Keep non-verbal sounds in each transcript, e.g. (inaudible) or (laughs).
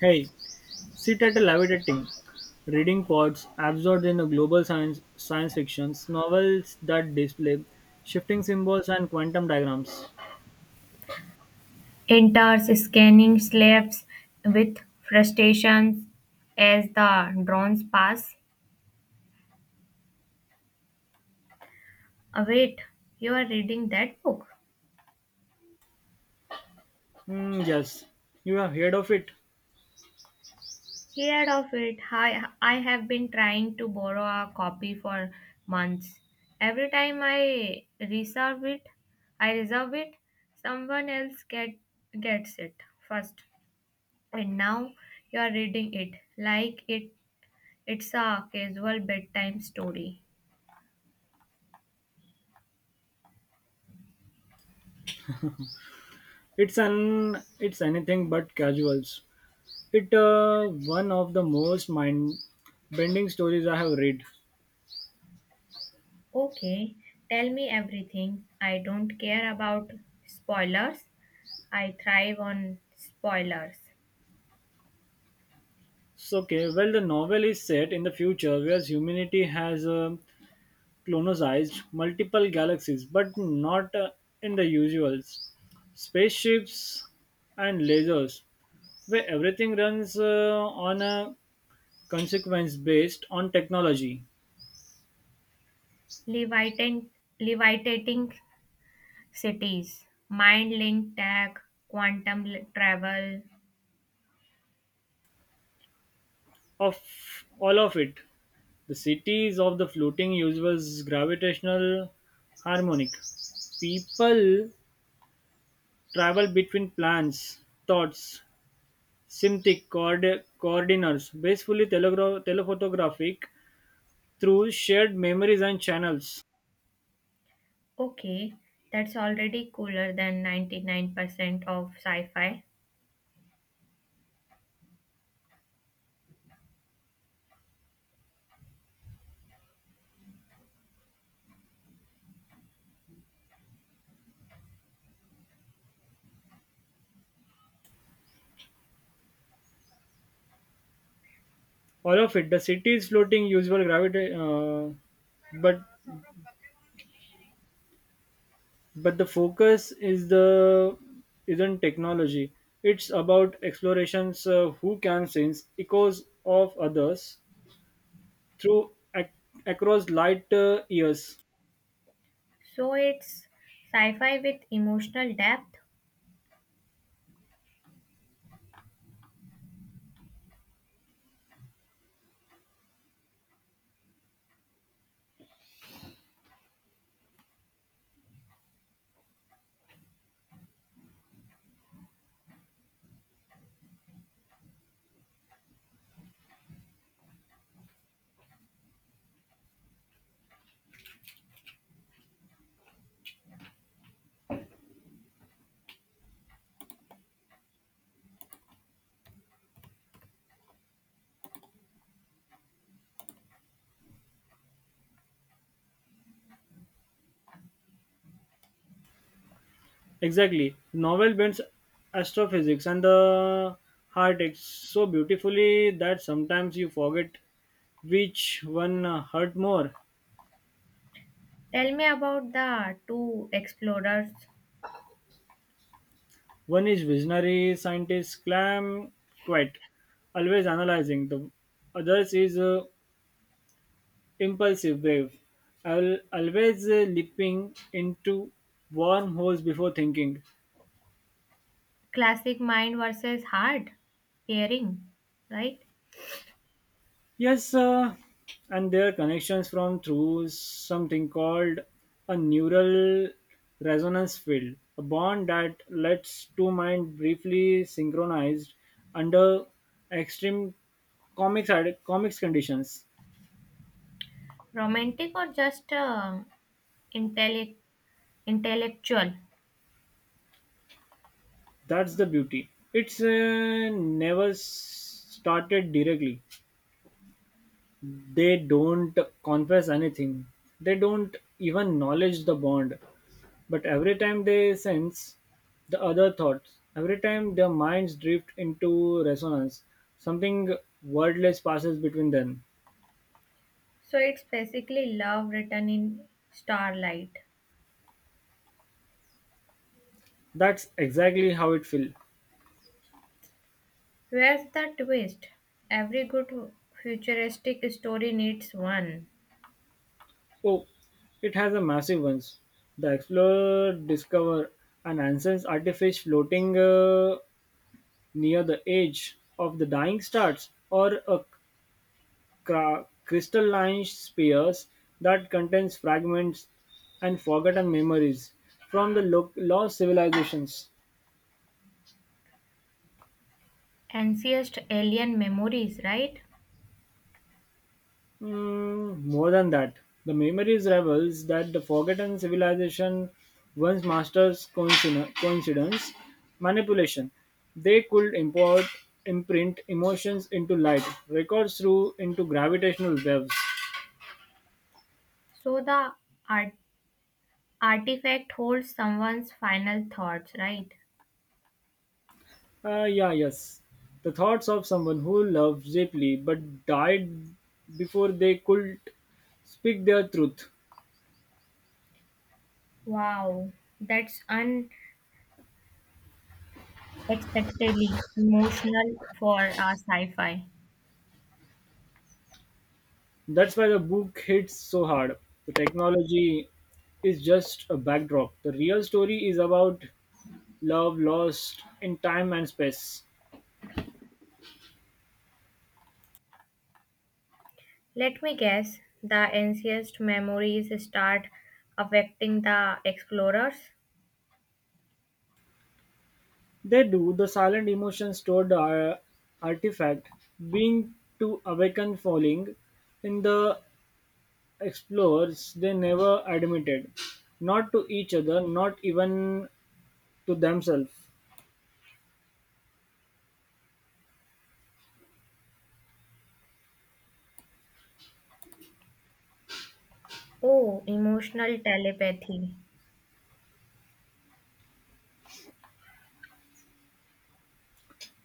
Hey, sit at a levitating, reading pods absorbed in a global science fiction novels that display shifting symbols and quantum diagrams. Enters scanning slaves with frustration as the drones pass. "Ah, wait, you are reading that book? Hmm, yes, you have heard of it. Heard of it. I have been trying to borrow a copy for months. Every time I reserve it, I reserve it, someone gets it first. And now you are reading it like it's a casual bedtime story. It's anything but casuals. It one of the most mind-bending stories I have read. Okay, tell me everything. I don't care about spoilers. I thrive on spoilers. So, okay, well, the novel is set in the future where humanity has colonized multiple galaxies, but not in the usuals spaceships and lasers, where everything runs on a consequence based on technology. Levitan- levitating cities, mind link tech, travel. Of all of it, the cities of the floating universe gravitational harmonic. People travel between plans, thoughts, symptic coordinates, basically telephotographic through shared memories and channels. Okay, that's already cooler than 99% of sci fi. All of it, the cities floating, usual gravity, but but the focus is the isn't technology it's about explorations who can sense echoes of others through across light years So it's sci fi with emotional depth. exactly novel bends astrophysics and the heart so beautifully that sometimes you forget which one hurt more Tell me about the two explorers. one is visionary scientist clam quite always analyzing the others is impulsive, brave. I'll always leaping into wormholes before thinking. Classic mind versus hard pairing, right? Yes, and there are connections from through something called a neural resonance field, a bond that lets two minds briefly synchronized under extreme comics comics conditions. Romantic or just intellect intellectual? That's the beauty. It's never started directly. They don't confess anything, they don't even acknowledge the bond, but every time they sense the other thoughts, every time their minds drift into resonance, something wordless passes between them. So it's basically love written in starlight. That's exactly how it feels. Where's the twist? Every good futuristic story needs one. Oh, it has a massive ones. The explorer discover an ancient artifice floating near the edge of the dying stars, or a crystalline spheres that contains fragments and forgotten memories from the lost civilizations. Ancient alien memories, right? Mm, more than that, the memories reveals that the forgotten civilization once masters coincidence manipulation. They could import imprint emotions into light, records through into gravitational waves. So the art- artifact holds someone's final thoughts, right? Ah, yeah, yes. The thoughts of someone who loved deeply but died before they could speak their truth. Wow, that's unexpectedly emotional for a sci-fi. That's why the book hits so hard. The technology is just a backdrop. The real story is about love lost in time and space. Let me guess, the ancient memories start affecting the explorers. They do the silent emotions stored artifact being to awaken falling in the explorers they never admitted not to each other not even to themselves. Oh, emotional telepathy.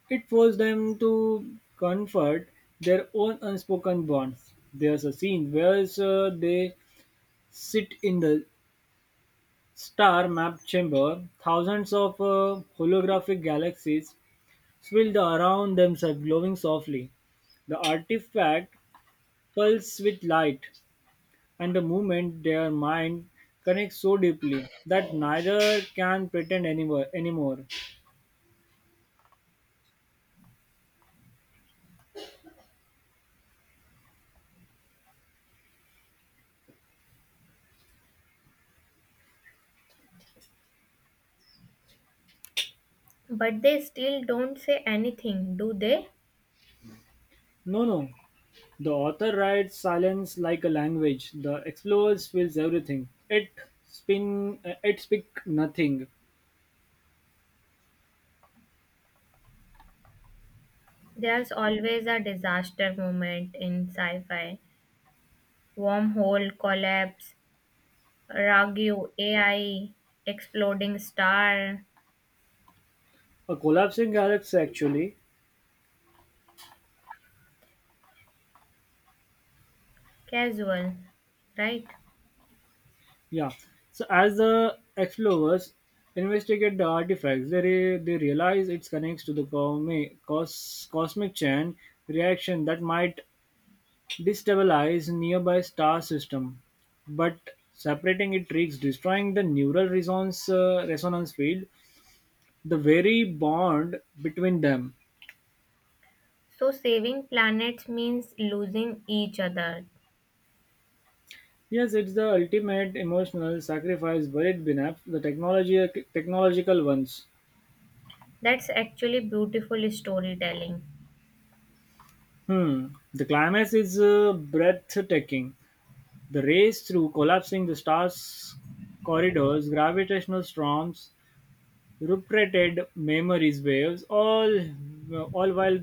It forced them to comfort their own unspoken bonds. There's a scene where they sit in the star map chamber, thousands of holographic galaxies swirled around themselves, glowing softly. The artifact pulses with light, and the moment their mind connects so deeply that neither can pretend anywhere, anymore. But they still don't say anything, do they? No, no. The author writes silence like a language. The explorers feels everything. It spin it speak nothing. There's always a disaster moment in sci fi. Wormhole collapse, Ragu AI, exploding star, A collapsing galaxy actually. casual, right? Yeah. So as the explorers investigate the artifacts, they realize it connects to the cosmic chain reaction that might destabilize nearby star system. But separating it risks destroying the resonance field the very bond between them. So, saving planets means losing each other. Yes, it's the ultimate emotional sacrifice buried beneath the technological ones. That's actually beautiful storytelling. Hmm. The climax is breathtaking. The race through collapsing the stars' corridors, gravitational storms, repeated memories waves, all while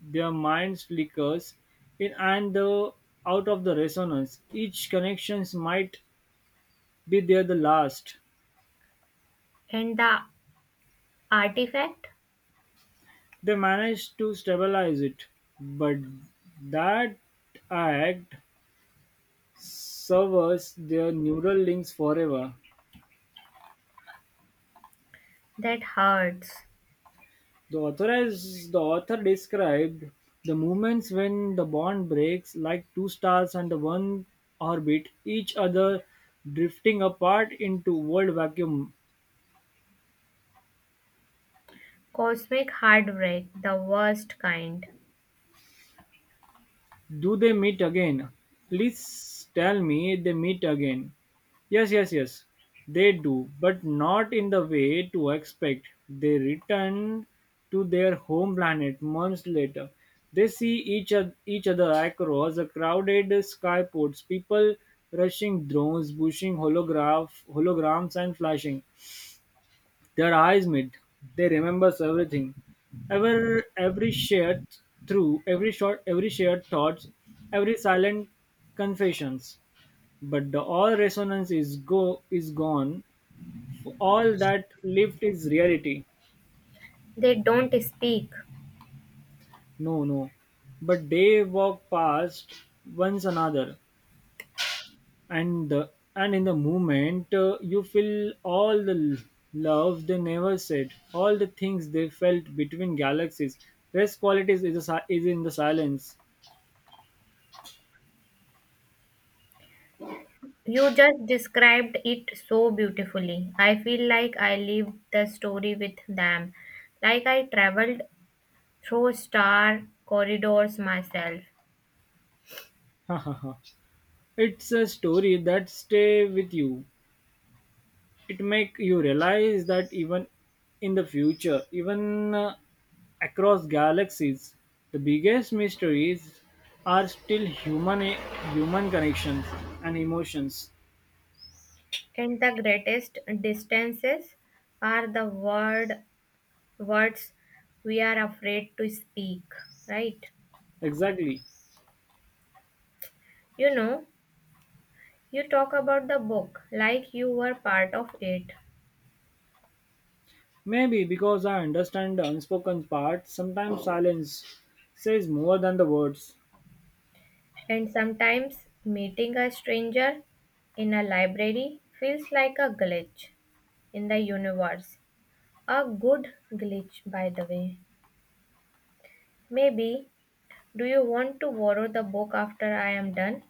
their minds flickers in and the, out of the resonance. Each connections might be there the last. And the artifact? They managed to stabilize it, but that act severs their neural links forever. That hurts. The author described the moments when the bond breaks, like two stars under one orbit, each other drifting apart into world vacuum. Cosmic heartbreak, the worst kind. Do they meet again? Please tell me they meet again. Yes, yes, yes. They do, but not in the way to expect. They return to their home planet months later. They see each other across a crowded skyports, people rushing drones, pushing holograms, and flashing. Their eyes meet. They remembers everything. Every shared through every short every shared thoughts, every silent confessions. But the all resonance is gone. All that lived is reality. They don't speak. No, no. But they walk past once another. and the and in the moment you feel all the love they never said all the things they felt between galaxies rest qualities is in the silence. You just described it so beautifully. I feel like I lived the story with them, like I traveled through star corridors myself. (laughs) It's a story that stay with you it make you realize that even in the future even across galaxies the biggest mysteries are still human connections and emotions And the greatest distances are the words we are afraid to speak, right? exactly. You know, you talk about the book like you were part of it, Maybe because I understand the unspoken part, sometimes silence says more than the words. and sometimes meeting a stranger in a library feels like a glitch in the universe. A good glitch, by the way. Maybe, do you want to borrow the book after I am done?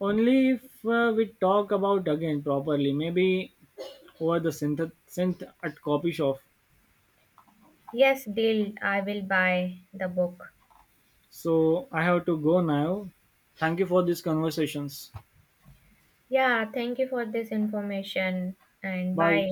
Only if we talk about again properly, maybe over the synth at copy shop. Yes, deal, I will buy the book. So I have to go now. Thank you for these conversations. Yeah, thank you for this information and Bye. bye.